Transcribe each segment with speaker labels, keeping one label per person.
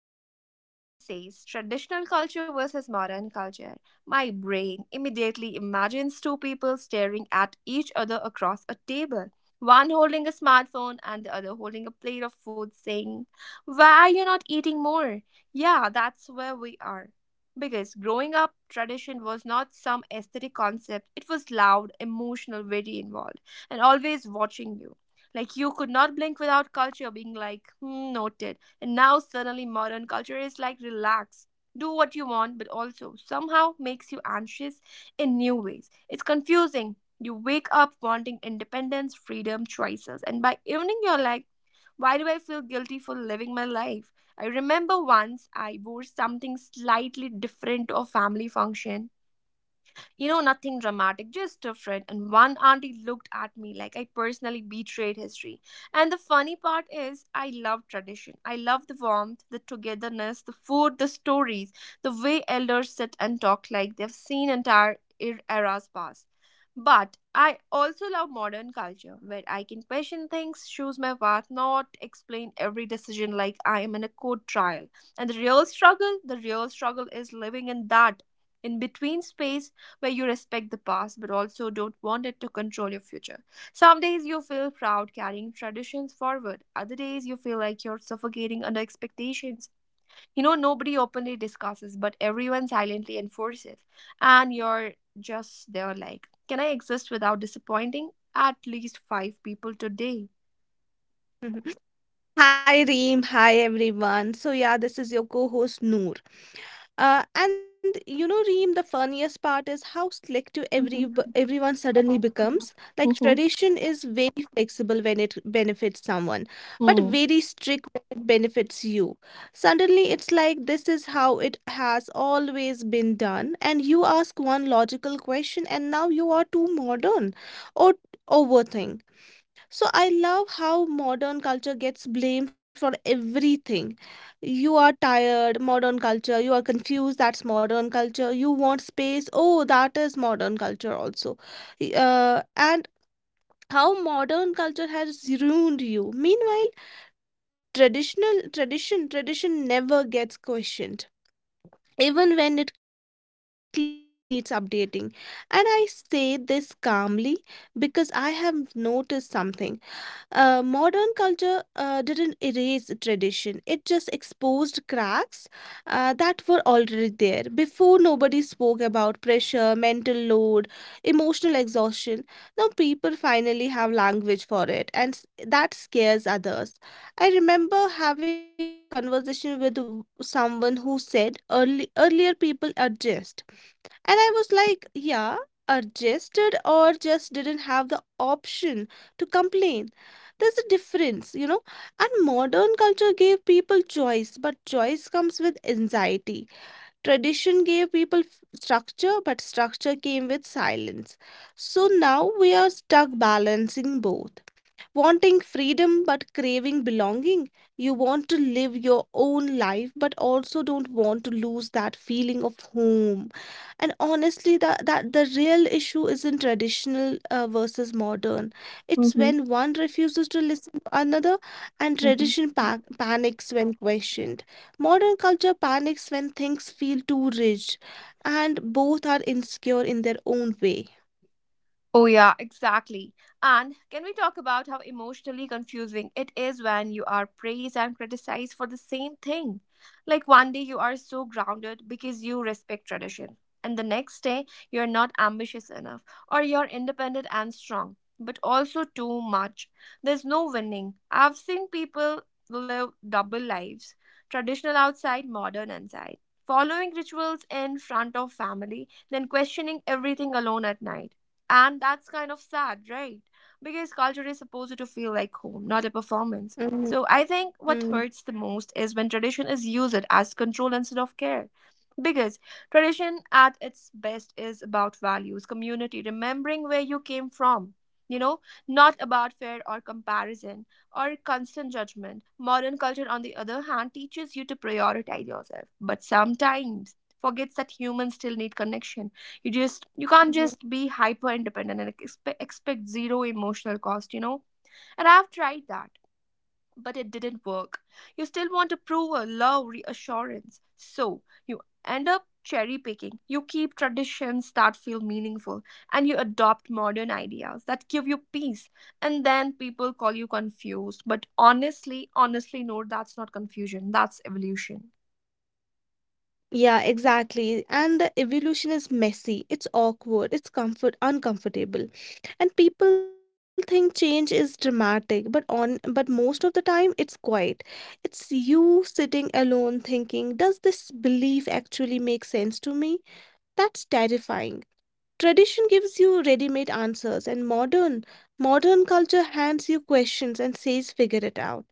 Speaker 1: Every time someone says traditional culture versus modern culture, my brain immediately imagines two people staring at each other across a table. One holding a smartphone and the other holding a plate of food saying, "Why are you not eating more?" Yeah, that's where we are. Because growing up, tradition was not some aesthetic concept, it was loud, emotional, very involved, and always watching you. Like you could not blink without culture being like, noted. And now suddenly modern culture is like, relax, do what you want, but also somehow makes you anxious in new ways. It's confusing. You wake up wanting independence, freedom, choices, and by evening, you're like, why do I feel guilty for living my life? I remember once I wore something slightly different to a family function, nothing dramatic, just different. And one auntie looked at me like I personally betrayed history. And the funny part is, I love tradition. I love the warmth, the togetherness, the food, the stories, the way elders sit and talk like they've seen entire eras pass. But I also love modern culture where I can question things, choose my path, not explain every decision like I am in a court trial. And the real struggle is living in that in between space where you respect the past but also don't want it to control your future. Some days you feel proud carrying traditions forward, other days you feel like you're suffocating under expectations. You know, nobody openly discusses, but everyone silently enforces. And you're just there, like, can I exist without disappointing at least five people today?
Speaker 2: Mhm. Hi Reem, hi everyone. So yeah, this is your co-host Noor. And you know, Reem, the funniest part is how selective every
Speaker 1: Mm-hmm.
Speaker 2: everyone suddenly becomes. Like
Speaker 1: Mm-hmm.
Speaker 2: tradition is very flexible when it benefits someone, but very strict when it benefits you. Suddenly, it's like this is how it has always been done, and you ask one logical question, and now you are too modern or overthink. So I love how modern culture gets blamed for everything. You are tired, modern culture. You are confused, that's modern culture. You want space, oh, that is modern culture also. And how modern culture has ruined you. Meanwhile, tradition never gets questioned. Even when it clearly needs updating. And I say this calmly because I have noticed something. Modern culture didn't erase tradition, it just exposed cracks that were already there. Before, nobody spoke about pressure, mental load, emotional exhaustion. Now, people finally have language for it, and that scares others. I remember having this conversation with someone who said earlier people adjust. And I was like, yeah, adjusted or just didn't have the option to complain. There's a difference, you know. And modern culture gave people choice, but choice comes with anxiety. Tradition gave people structure, but structure came with silence. So now we are stuck balancing both wanting freedom but craving belonging. You want to live your own life but also don't want to lose that feeling of home. And honestly, that, that the real issue isn't traditional versus modern. It's
Speaker 1: Mm-hmm.
Speaker 2: when one refuses to listen to another, and
Speaker 1: Mm-hmm.
Speaker 2: tradition panics when questioned. Modern culture panics when things feel too rich, and both are insecure in their own way.
Speaker 1: Oh, yeah, exactly. And can we talk about how emotionally confusing it is when you are praised and criticized for the same thing? Like one day you are so grounded because you respect tradition, and the next day you're not ambitious enough or you're independent and strong, but also too much. There's no winning. I've seen people live double lives, traditional outside, modern inside, following rituals in front of family, then questioning everything alone at night, and that's kind of sad, right? Because culture is supposed to feel like home, not a performance. So I
Speaker 2: Mhm,
Speaker 1: think what hurts the
Speaker 2: mm,
Speaker 1: most is when tradition is used as control instead of care. Because tradition at its best is about values, community, remembering where you came from, you know, not about fear or comparison or constant judgment. Modern culture, on the other hand, teaches you to prioritize yourself, but sometimes forgets that humans still need connection. You just you can't just be
Speaker 2: mhm.
Speaker 1: hyper independent and expect zero emotional cost. And I've tried that, but it didn't work. You still want approval, love, reassurance, so you end up cherry picking. You keep traditions that feel meaningful, and you adopt modern ideas that give you peace. And then people call you confused, but honestly no, that's not confusion, that's evolution.
Speaker 2: Yeah, exactly. And the evolution is messy, it's awkward, it's comfort uncomfortable. And people think change is dramatic, but on but most of the time it's quiet. It's you sitting alone thinking, does this belief actually make sense to me? That's terrifying. Tradition gives you ready-made answers, and modern culture hands you questions and says figure it out.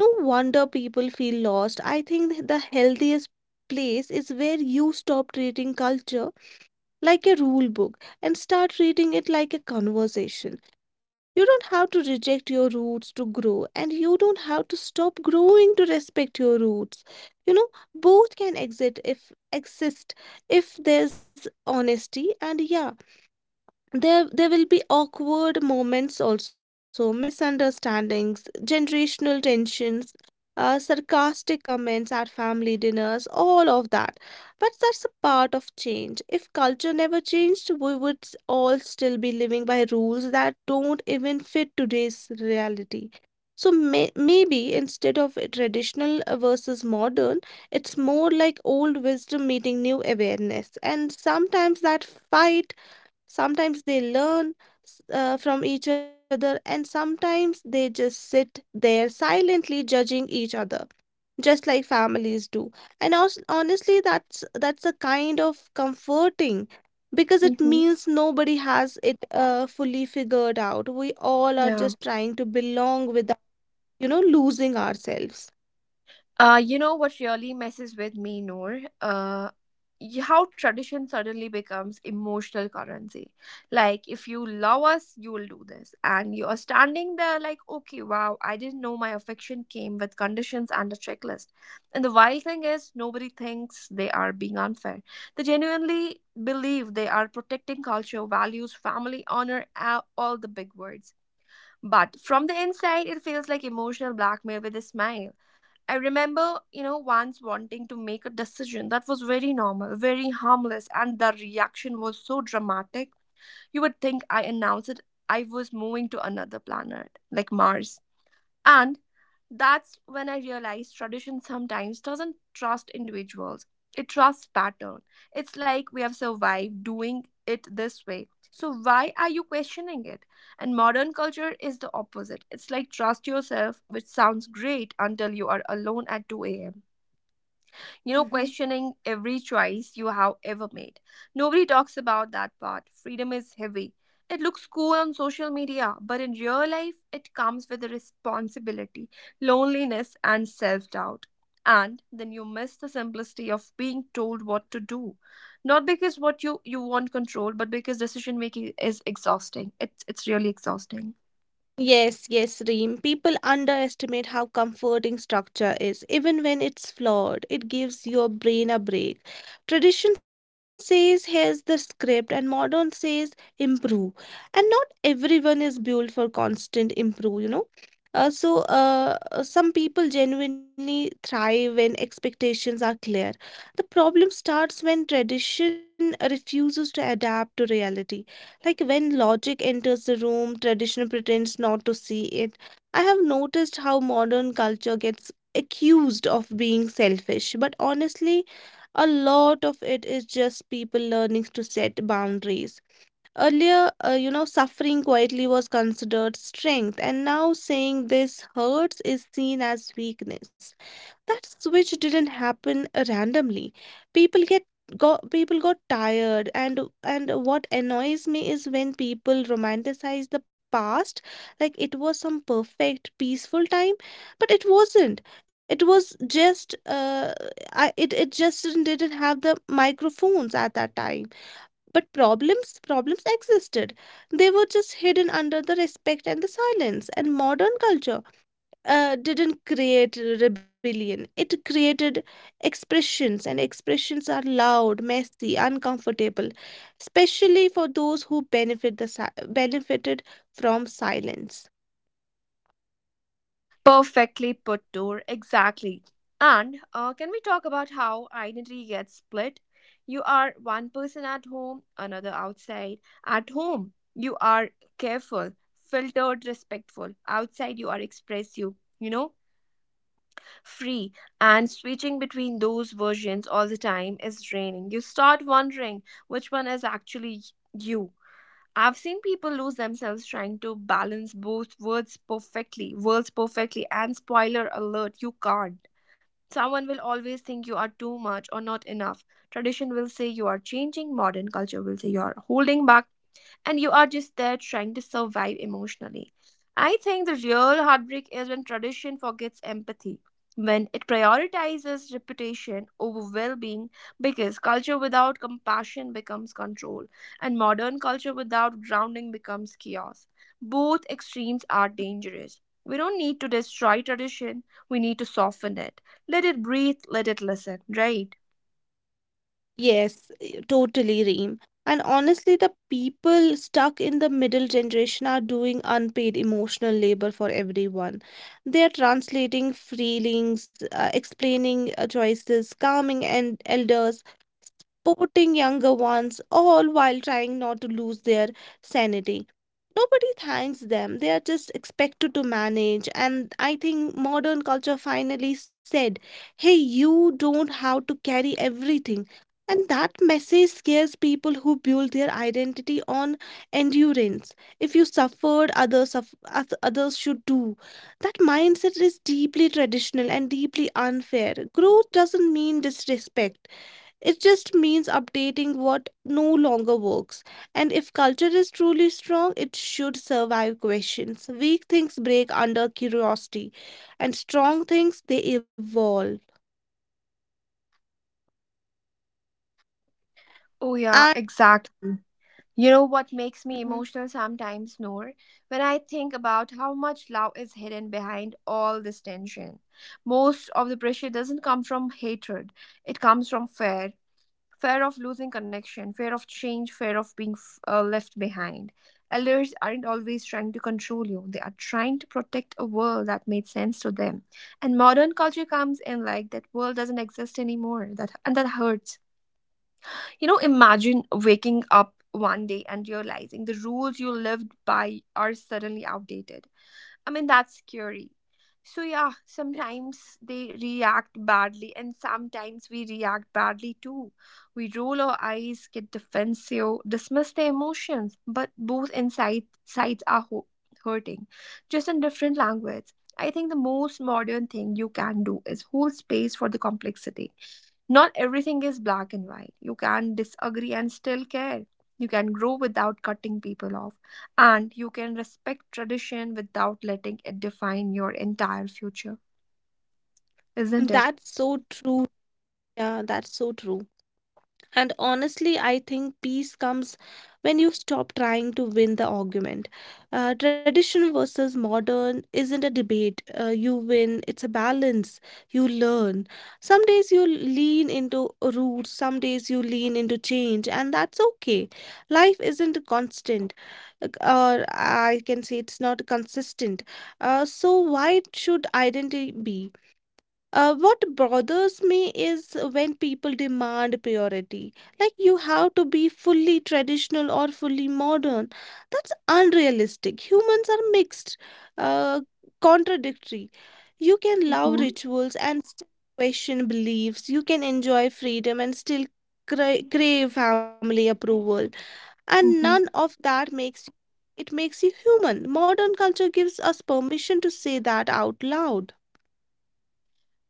Speaker 2: No wonder people feel lost. I think the healthiest place is where you stop treating culture like a rule book and start treating it like a conversation. You don't have to reject your roots to grow, and you don't have to stop growing to respect your roots. You know, both can exist if there's honesty, and yeah, there will be awkward moments also, misunderstandings, generational tensions, sarcastic comments at family dinners, all of that. But that's a part of change. If culture never changed, we would all still be living by rules that don't even fit today's reality. So maybe instead of a traditional versus modern, it's more like old wisdom meeting new awareness. And sometimes that fight Sometimes they learn from each other, and sometimes they just sit there silently judging each other, just like families do. And also, honestly, that's a kind of comforting because it
Speaker 1: Hmm.
Speaker 2: means nobody has it fully figured out. We all are
Speaker 1: Yeah.
Speaker 2: just trying to belong without losing ourselves.
Speaker 1: You know what really messes with me, Noor? How tradition suddenly becomes emotional currency. Like, if you love us, you will do this. And you are standing there like, okay, wow, I didn't know my affection came with conditions and a checklist. And the wild thing is, nobody thinks they are being unfair. They genuinely believe they are protecting culture, values, family, honor, all the big words. But from the inside, it feels like emotional blackmail with a smile. I remember, once wanting to make a decision that was very normal, very harmless, and the reaction was so dramatic. You would think I announced it, I was moving to another planet, like Mars. And that's when I realized tradition sometimes doesn't trust individuals. It trusts pattern. It's like we have survived doing it this way. So why are you questioning it? And modern culture is the opposite. It's like trust yourself, which sounds great until you are alone at 2 a.m.,
Speaker 2: Uh huh.
Speaker 1: questioning every choice you have ever made. Nobody talks about that part. Freedom is heavy. It looks cool on social media, but in real life, it comes with a responsibility, loneliness, and self doubt. And then you miss the simplicity of being told what to do. Not because what you want control, but because decision making is exhausting. It's really exhausting.
Speaker 2: Yes, yes, Reem. People underestimate how comforting structure is, even when it's flawed. It gives your brain a break. Tradition says, here's the script, and modern says, improve. And not everyone is built for constant improve. So, some people genuinely thrive when expectations are clear. The problem starts when tradition refuses to adapt to reality. Like when logic enters the room, tradition pretends not to see it. I have noticed how modern culture gets accused of being selfish, but honestly, a lot of it is just people learning to set boundaries. Earlier, suffering quietly was considered strength, and now saying this hurts is seen as weakness. That switch didn't happen randomly. People get people got tired, and what annoys me is when people romanticize the past like it was some perfect peaceful time, but it wasn't. It was just I, it just didn't have the microphones at that time, but problems existed. They were just hidden under the respect and the silence, and modern culture didn't create rebellion. It created expressions, and expressions are loud, messy, uncomfortable, especially for those who benefited from silence.
Speaker 1: Perfectly put, Toor. Exactly. And can we talk about how identity gets split? You are one person at home, another outside. At home, you are careful, filtered, respectful. Outside, you are expressive, you know, free. And switching between those versions all the time is draining. You start wondering which one is actually you. I've seen people lose themselves trying to balance both words perfectly, and spoiler alert, you can't. Someone will always think you are too much or not enough. Tradition will say you are changing, modern culture will say you are holding back, and you are just there trying to survive emotionally. I think the real heartbreak is when tradition forgets empathy, when it prioritizes reputation over well being, because culture without compassion becomes control, and modern culture without grounding becomes chaos. Both extremes are dangerous. We don't need to destroy tradition, we need to soften it. Let it breathe, let it listen, right?
Speaker 2: Yes, totally, Reem. And honestly, the people stuck in the middle generation are doing unpaid emotional labor for everyone. They are translating feelings, explaining choices, calming and elders, supporting younger ones, all while trying not to lose their sanity. Nobody thanks them. They are just expected to manage. And I think modern culture finally said, hey, you don't have to carry everything. And that message scares people who build their identity on endurance. If you suffered, others should do. That mindset is deeply traditional and deeply unfair. Growth doesn't mean disrespect. It just means updating what no longer works. And if culture is truly strong, it should survive questions. Weak things break under curiosity, and strong things they evolve.
Speaker 1: Oh, yeah,
Speaker 2: And.
Speaker 1: exactly. You know what makes me
Speaker 2: Mhm.
Speaker 1: emotional sometimes, Noor? When I think about how much love is hidden behind all this tension. Most of the pressure doesn't come from hatred, it comes from fear of losing connection, fear of change, fear of being left behind. Elders aren't always trying to control you, they are trying to protect a world that made sense to them. And modern culture comes in like that world doesn't exist anymore, and that hurts. Imagine waking up one day and realizing the rules you lived by are suddenly outdated. I mean, that's scary. So, yeah, sometimes they react badly, and sometimes we react badly too. We roll our eyes, get defensive, dismiss the emotions, but both inside sides are hurting, just in different language. I think the most modern thing you can do is hold space for the complexity. Not everything is black and white. You can disagree and still care. You can grow without cutting people off. And you can respect tradition without letting it define your entire future, isn't it?
Speaker 2: That's so true. Yeah, that's so true. And honestly, I think peace comes when you stop trying to win the argument. Tradition versus modern isn't a debate. You win, it's a balance. You learn. Some days you lean into roots, some days you lean into change, and that's okay. Life isn't constant, or I can say it's not consistent. So, why should identity be? What bothers me is when people demand purity, like you have to be fully traditional or fully modern. That's unrealistic. Humans are mixed, uh, contradictory. You can love
Speaker 1: Mm-hmm.
Speaker 2: rituals and still question beliefs. You can enjoy freedom and still crave family approval. And none
Speaker 1: Mm-hmm.
Speaker 2: of that makes you human. Modern culture gives us permission to say that out loud.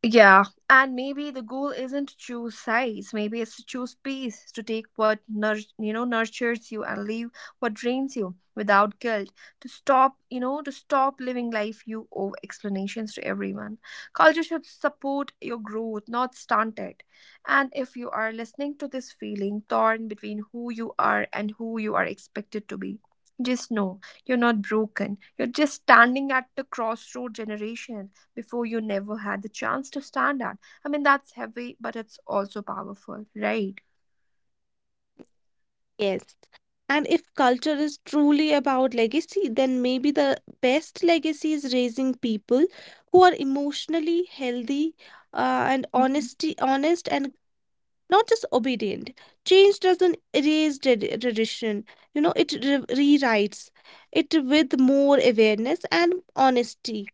Speaker 1: Yeah, and maybe the goal isn't to choose sides. Maybe it's to choose peace, to take what nurtures you and leave what drains you without guilt. To stop living life you owe explanations to everyone. Culture should support your growth, not stunt it. And if you are listening to this feeling torn between who you are and who you are expected to be, just know you're not broken. You're just standing at the crossroad generation before you never had the chance to stand at. I mean, that's heavy, but it's also powerful, right?
Speaker 2: Yes. And if culture is truly about legacy, then maybe the best legacy is raising people who are emotionally healthy and
Speaker 1: Mhm.
Speaker 2: honest and not just obedient. Change doesn't erase tradition, it rewrites it with more awareness and honesty.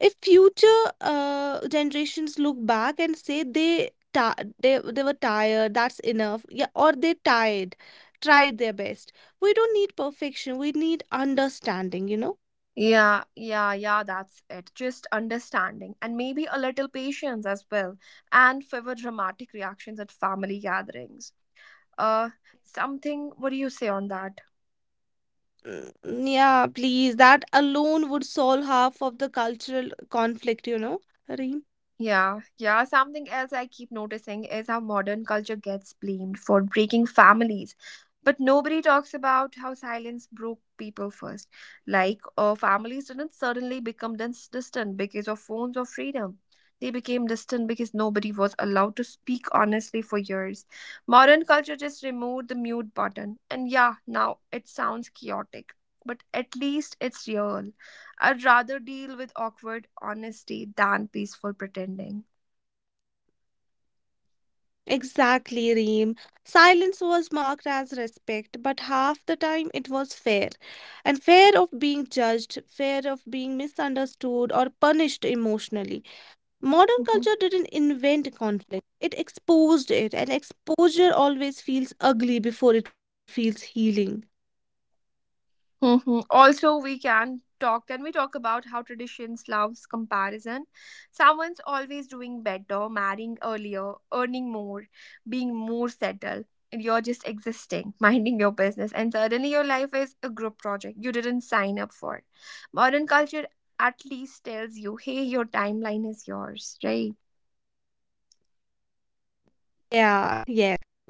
Speaker 2: If future generations look back and say they ta they were tired, that's enough. Yeah. Or they tired tried their best. We don't need perfection, we need understanding.
Speaker 1: Yeah, yeah, yeah, that's it. Just understanding and maybe a little patience as well, and favor dramatic reactions at family gatherings. Uh, Something, what do you say on that?
Speaker 2: Mm, yeah, please, that alone would solve half of the cultural conflict, you know, Reem.
Speaker 1: Yeah, yeah. Something else I keep noticing is how modern culture gets blamed for breaking families. But nobody talks about how silence broke people first. Like, families didn't suddenly become distant because of phones or freedom. They became distant because nobody was allowed to speak honestly for years. Modern culture just removed the mute button. And yeah, now it sounds chaotic, but at least it's real. I'd rather deal with awkward honesty than peaceful pretending.
Speaker 2: Exactly, Reem. Silence was marked as respect, but half the time it was fear. And fear of being judged, fear of being misunderstood or punished emotionally. Modern
Speaker 1: Mhm.
Speaker 2: culture didn't invent conflict, it exposed it, and exposure always feels ugly before it feels healing.
Speaker 1: Mhm. Also, we can talk. Can we talk about how traditions loves comparison? Someone's always doing better, marrying earlier, earning more, being more settled, and you're just existing, minding your business, and suddenly your life is a group project you didn't sign up for. Modern culture at least tells you, hey, your timeline is yours, right?
Speaker 2: Yeah, yes.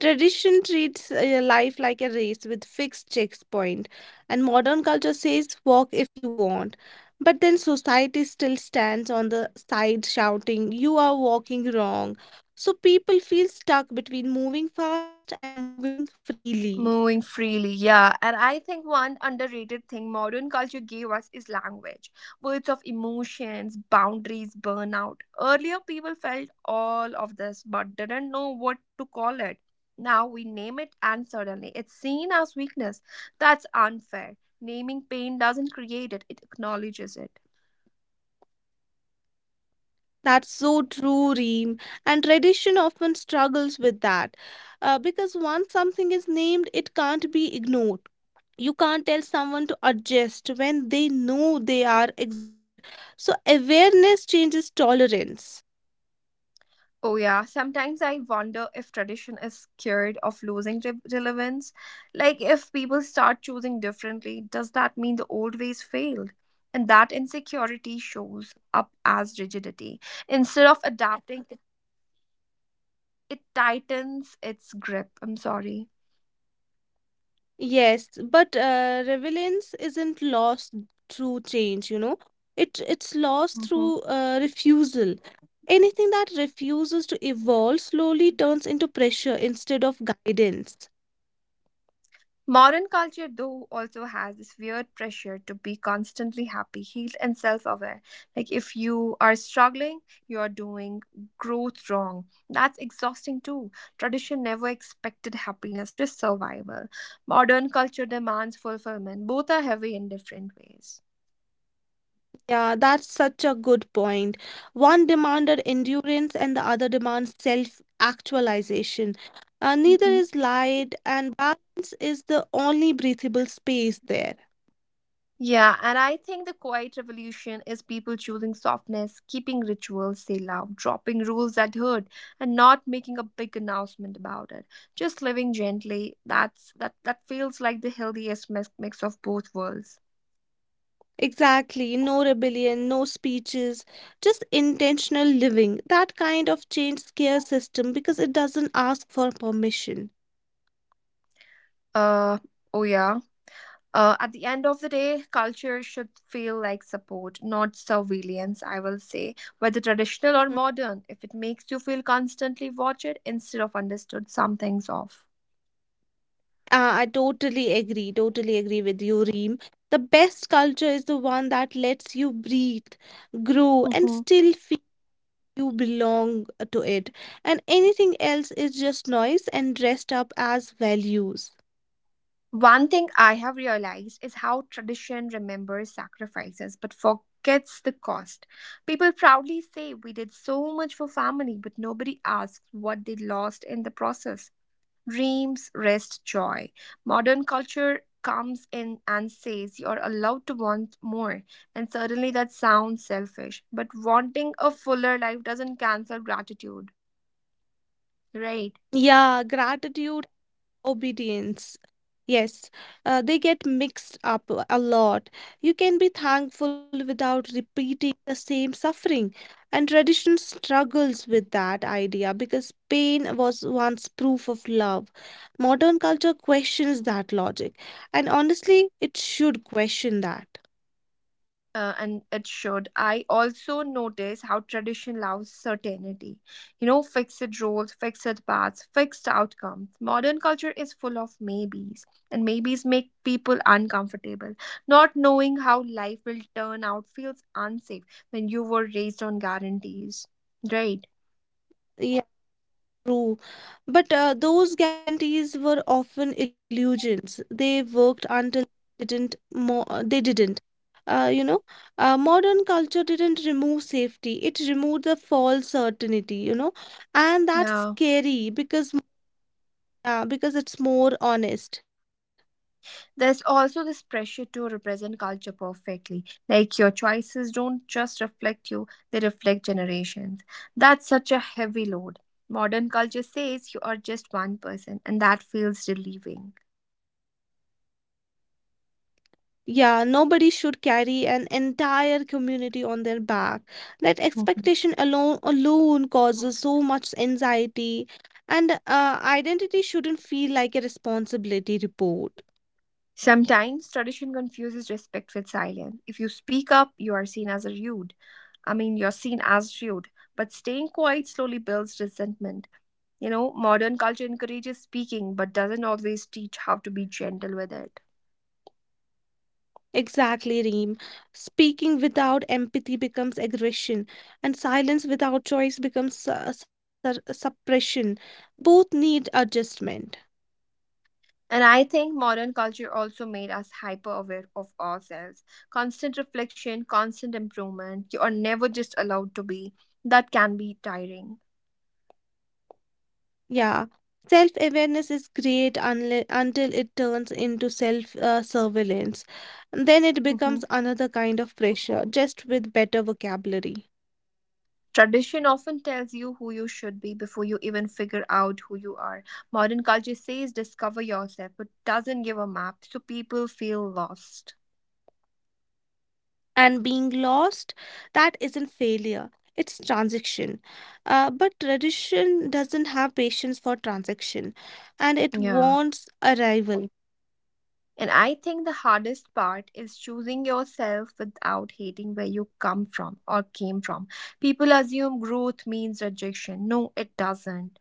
Speaker 2: Tradition treats life like a race with fixed checkpoint, and modern culture says walk if you want. But then society still stands on the side shouting, you are walking wrong. So people feel stuck between moving fast and moving freely.
Speaker 1: Moving freely, yeah. And I think one underrated thing modern culture gave us is language. Words of emotions, boundaries, burnout. Earlier, people felt all of this but didn't know what to call it. Now we name it, and suddenly it's seen as weakness. That's unfair. Naming pain doesn't create it, it acknowledges it.
Speaker 2: That's so true, Reem. And tradition often struggles with that because once something is named, it can't be ignored. You can't tell someone to adjust when they know they are exhausted. So, awareness changes tolerance.
Speaker 1: Oh, yeah. Sometimes I wonder if tradition is scared of losing relevance. Like, if people start choosing differently, does that mean the old ways failed? And that insecurity shows up as rigidity. Instead of adapting, it tightens its grip. I'm sorry.
Speaker 2: Yes, but relevance isn't lost through change. It's lost
Speaker 1: Mhm.
Speaker 2: through refusal. Anything that refuses to evolve slowly turns into pressure instead of guidance.
Speaker 1: Modern culture, though, also has this weird pressure to be constantly happy, healed, and self aware. Like, if you are struggling, you are doing growth wrong. That's exhausting, too. Tradition never expected happiness, just survival. Modern culture demands fulfillment. Both are heavy in different ways.
Speaker 2: Yeah, that's such a good point. One demanded endurance and the other demands self-actualization. Neither
Speaker 1: Mhm.
Speaker 2: is light, and balance is the only breathable space there.
Speaker 1: Yeah, and I think the quiet revolution is people choosing softness, keeping rituals they love, dropping rules that hurt, and not making a big announcement about it. Just living gently. That feels like the healthiest mix of both worlds.
Speaker 2: Exactly, no rebellion, no speeches, just intentional living. That kind of change scares system because it doesn't ask for permission.
Speaker 1: Uh oh yeah. At the end of the day, culture should feel like support, not surveillance, I will say. Whether traditional or
Speaker 2: Mm,
Speaker 1: modern, if it makes you feel constantly watched instead of understood, something's off.
Speaker 2: I totally agree with you, Reem. The best culture is the one that lets you breathe, grow, and still feel you belong to it. And anything else is just noise and dressed up as values.
Speaker 1: One thing I have realized is how tradition remembers sacrifices but forgets the cost. People proudly say we did so much for family, but nobody asks what they lost in the process. Dreams, rest, joy. Modern culture comes in and says you're allowed to want more, and certainly that sounds selfish, but wanting a fuller life doesn't cancel gratitude, right?
Speaker 2: Yeah, gratitude. Obedience. Yes, they get mixed up a lot. You can be thankful without repeating the same suffering. And tradition struggles with that idea because pain was once proof of love. Modern culture questions that logic. And honestly, it should question that.
Speaker 1: And it should. I also notice how tradition loves certainty. You know, fixed roles, fixed paths, fixed outcomes. Modern culture is full of maybes, and maybes make people uncomfortable. Not knowing how life will turn out feels unsafe when you were raised on guarantees. Right?
Speaker 2: Yeah, true. But those guarantees were often illusions. They worked until they didn't. Uh, you know, Modern culture didn't remove safety. It removed the false certainty, and that's
Speaker 1: Yeah.
Speaker 2: scary because. Yeah. Because it's more honest.
Speaker 1: There's also this pressure to represent culture perfectly. Like your choices don't just reflect you, they reflect generations. That's such a heavy load. Modern culture says you are just one person, and that feels relieving.
Speaker 2: Yeah, nobody should carry an entire community on their back. That
Speaker 1: Mhm.
Speaker 2: expectation alone causes so much anxiety, and identity shouldn't feel like a responsibility report.
Speaker 1: Sometimes tradition confuses respect with silence. If you speak up, you are seen as rude. I mean, you're seen as rude, but staying quiet slowly builds resentment. You know, modern culture encourages speaking but doesn't always teach how to be gentle with it.
Speaker 2: Exactly, Reem. Speaking without empathy becomes aggression, and silence without choice becomes suppression. Both need adjustment.
Speaker 1: And I think modern culture also made us hyper aware of ourselves. Constant reflection, constant improvement. You are never just allowed to be. That can be tiring.
Speaker 2: Yeah, self-awareness is great unle until it turns into self surveillance. Then it becomes
Speaker 1: Mhm.
Speaker 2: another kind of pressure, just with better vocabulary.
Speaker 1: Tradition often tells you who you should be before you even figure out who you are. Modern culture says discover yourself, but doesn't give a map, so people feel lost.
Speaker 2: And being lost, that isn't failure, it's transaction, but tradition doesn't have patience for transaction, and it
Speaker 1: Yeah.
Speaker 2: wants arrival.
Speaker 1: And I think the hardest part is choosing yourself without hating where you come from or came from. People assume growth means rejection. No, it doesn't.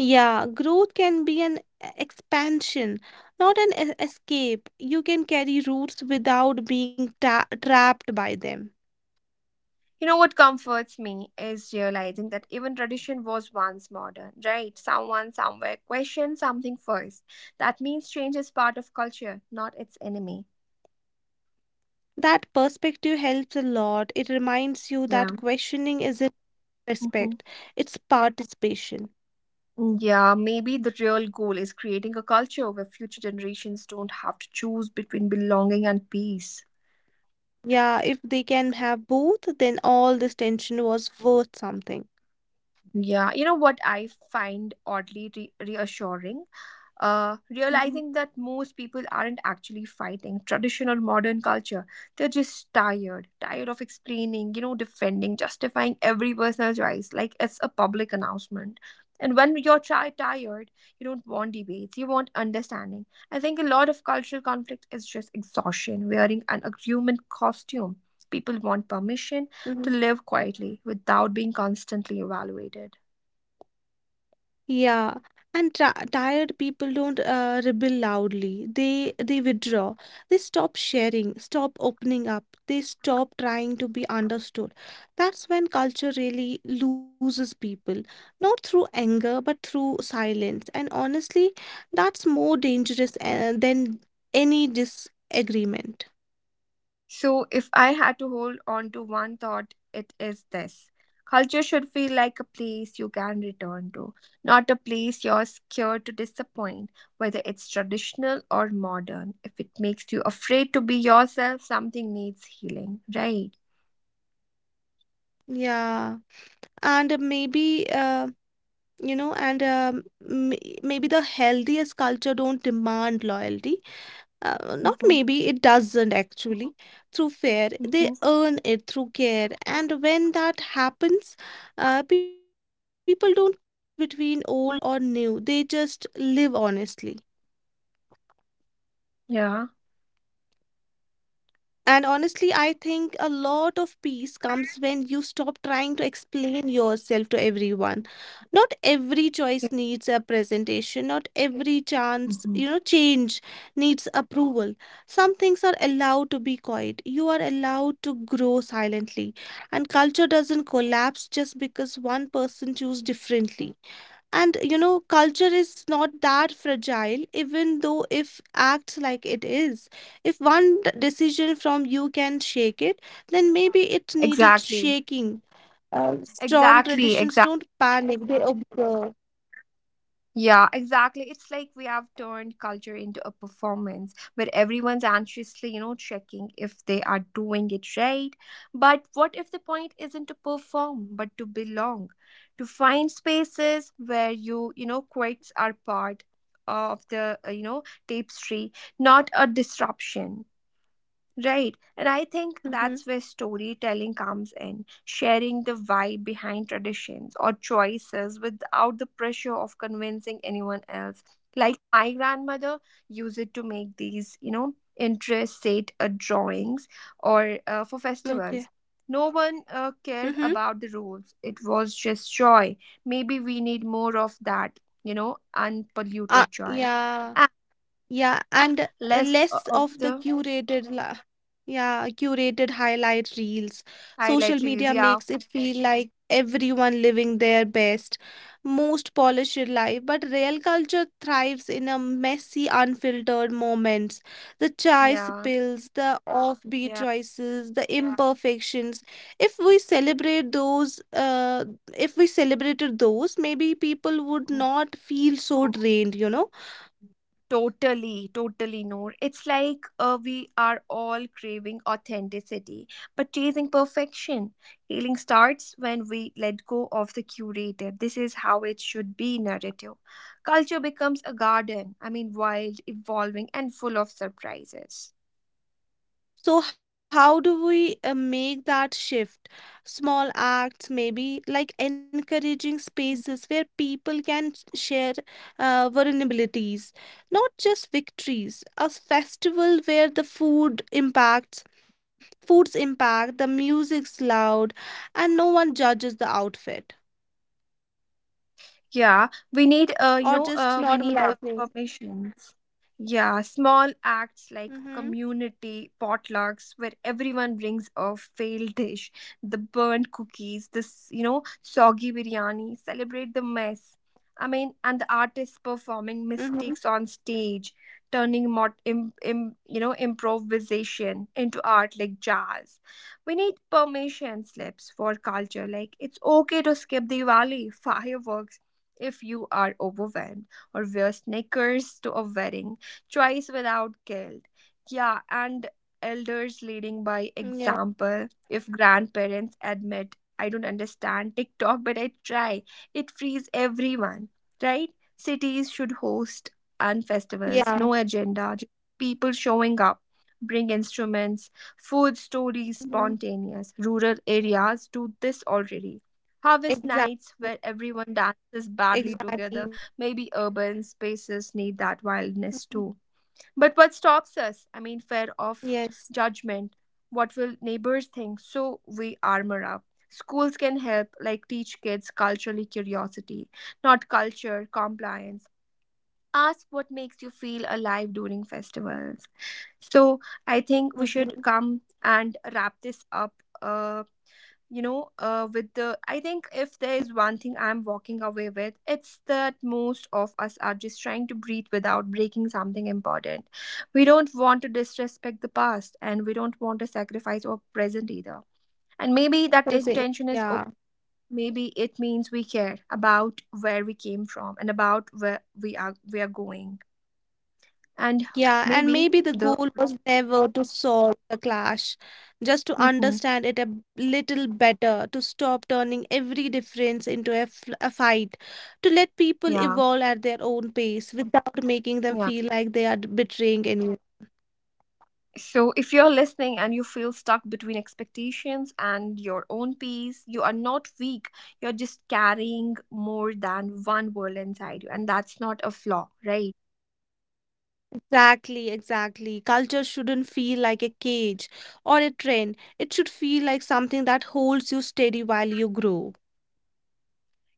Speaker 2: Yeah, growth can be an expansion, not an escape. You can carry roots without being ta trapped by them.
Speaker 1: You know what comforts me is realizing that even tradition was once modern, right? Someone somewhere questioned something first. That means change is part of culture, not its enemy.
Speaker 2: That perspective helps a lot. It reminds you that
Speaker 1: Yeah.
Speaker 2: questioning isn't respect,
Speaker 1: Hmm.
Speaker 2: it's participation.
Speaker 1: Yeah, maybe the real goal is creating a culture where future generations don't have to choose between belonging and peace.
Speaker 2: Yeah, if they can have both, then all this tension was worth something.
Speaker 1: Yeah, you know what I find oddly reassuring? uh,
Speaker 2: Hmm.
Speaker 1: realizing that most people aren't actually fighting traditional modern culture. They're just tired, tired of explaining, you know, defending, justifying every personal choice like it's a public announcement. And when you're tired, you don't want debates, you want understanding. I think a lot of cultural conflict is just exhaustion, wearing an agreement costume. People want permission to live quietly without being constantly evaluated.
Speaker 2: Yeah, and ti tired people don't rebel loudly. They withdraw. They stop sharing, stop opening up. They stop trying to be understood. That's when culture really loses people, not through anger, but through silence. And honestly, that's more dangerous than any disagreement.
Speaker 1: So, if I had to hold on to one thought, it is this: culture should feel like a place you can return to, not a place you're scared to disappoint, whether it's traditional or modern. If it makes you afraid to be yourself, something needs healing, right?
Speaker 2: Yeah. And maybe you know and m- maybe the healthiest culture don't demand loyalty, not,
Speaker 1: Mm-hmm.
Speaker 2: maybe it doesn't actually, through fair they
Speaker 1: Mm-hmm.
Speaker 2: earn it through care. And when that happens, people don't choose between old or new, they just live honestly.
Speaker 1: Yeah.
Speaker 2: And honestly, I think a lot of peace comes when you stop trying to explain yourself to everyone. Not every choice
Speaker 1: Yeah.
Speaker 2: needs a presentation, not every chance,
Speaker 1: Hmm.
Speaker 2: you know, change needs approval. Some things are allowed to be quiet. You are allowed to grow silently. And culture doesn't collapse just because one person chooses differently. And culture is not that fragile, even though if acts like it is. If one decision from you can shake it, then maybe it needed
Speaker 1: Exactly.
Speaker 2: shaking. Strong
Speaker 1: Exactly.
Speaker 2: traditions
Speaker 1: Exactly.
Speaker 2: don't panic, they observe.
Speaker 1: Yeah, exactly. It's like we have turned culture into a performance where everyone's anxiously, you know, checking if they are doing it right. But what if the point isn't to perform, but to belong? To find spaces where you know, quotes are part of the, you know, tapestry, not a disruption. Right. And I
Speaker 2: Mm-hmm.
Speaker 1: think that's where storytelling comes in, sharing the why behind traditions or choices without the pressure of convincing anyone else. Like my grandmother used it to make these, you know, interest set drawings or for
Speaker 2: Okay.
Speaker 1: festivals. No one cared
Speaker 2: Mhm.
Speaker 1: about the rules. It was just joy. Maybe we need more of that, you know,
Speaker 2: Uh,
Speaker 1: unpolluted joy.
Speaker 2: yeah.
Speaker 1: And
Speaker 2: Yeah, and
Speaker 1: less
Speaker 2: less
Speaker 1: of
Speaker 2: of the
Speaker 1: the
Speaker 2: yeah, curated highlight reels. Social
Speaker 1: highlight reels.
Speaker 2: media
Speaker 1: Yeah.
Speaker 2: makes it feel like everyone living their best, most polished life, but real culture thrives in a messy, unfiltered moments. The chai
Speaker 1: Yeah.
Speaker 2: spills, the offbeat
Speaker 1: Yeah.
Speaker 2: choices, the imperfections. If we celebrate those, uh, if we celebrated those, maybe people would not feel so drained?
Speaker 1: Totally, totally, Noor. It's like we are all craving authenticity, but chasing perfection. Healing starts when we let go of the curator. This is how it should be narrative. Culture becomes a garden, I mean, wild, evolving, and full of surprises.
Speaker 2: So, how do we make that shift? Small acts, maybe like encouraging
Speaker 1: Mm.
Speaker 2: spaces where people can share vulnerabilities, not just victories. A festival where the foods impact, the music's loud, and no one judges the outfit,
Speaker 1: Yeah, we
Speaker 2: or
Speaker 1: need
Speaker 2: just normalizing.
Speaker 1: permissions. Yeah, small acts
Speaker 2: Mm-hmm.
Speaker 1: like community potlucks where everyone brings a failed dish, the burnt cookies, this you know soggy biryani, celebrate the mess. I mean, and the artists performing
Speaker 2: Mm-hmm.
Speaker 1: mistakes on stage, turning you know improvisation into art like jazz. We need permission slips for culture. Like it's okay to skip Diwali fireworks if you are overwhelmed, or wear sneakers to a wedding, choice without guilt. Yeah, and elders
Speaker 2: Yeah.
Speaker 1: leading by example. If grandparents admit, I don't understand TikTok, but I try, it frees everyone, right? Cities should host and
Speaker 2: Yeah.
Speaker 1: festivals, no agenda, just people showing up. Bring instruments, food
Speaker 2: Mm-hmm.
Speaker 1: stories spontaneous. Rural areas do this already.
Speaker 2: Exactly.
Speaker 1: Harvest nights where everyone dances
Speaker 2: Exactly.
Speaker 1: badly together. Maybe urban spaces need
Speaker 2: Mhm.
Speaker 1: that wildness too. But what stops us? I mean, fear
Speaker 2: Yes.
Speaker 1: of judgment. What will neighbors think? So we armor up. Schools can help, like teach kids culturally curiosity, not culture compliance. Ask what makes you feel alive during festivals. So I think we
Speaker 2: Mm-hmm.
Speaker 1: should come and wrap this up. Uh, with the I think if there is one thing I'm walking away with, it's that most of us are just trying to breathe without breaking something important. We don't want to disrespect the past and we don't want to sacrifice our present either, and maybe that
Speaker 2: Proceed.
Speaker 1: tension is okay.
Speaker 2: Yeah,
Speaker 1: Maybe it means we care about where we came from and about where we are going, and
Speaker 2: yeah, and
Speaker 1: maybe
Speaker 2: maybe the
Speaker 1: the
Speaker 2: goal was never to solve the clash, just to
Speaker 1: Mhm.
Speaker 2: understand it a little better, to stop turning every difference into a fight, to let people
Speaker 1: Yeah.
Speaker 2: evolve at their own pace without making them
Speaker 1: Yeah.
Speaker 2: feel like they are betraying anyone.
Speaker 1: So, if you're listening and you feel stuck between expectations and your own pace, you are not weak. You're just carrying more than one world inside you, and that's not a flaw, right?
Speaker 2: Exactly, exactly. Culture shouldn't feel like a cage or a trend. It should feel like something that holds you steady while you grow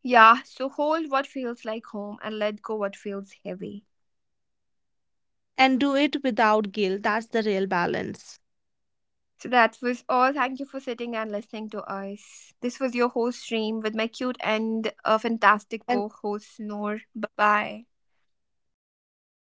Speaker 1: Yeah, so hold what feels like home and let go what feels heavy.
Speaker 2: and do it without guilt. That's the real balance.
Speaker 1: So, that was all. Thank you for sitting and listening to us. This was your host, Stream, with my cute and a fantastic co host, Noor. Bye. Bye.
Speaker 2: Okay. Bye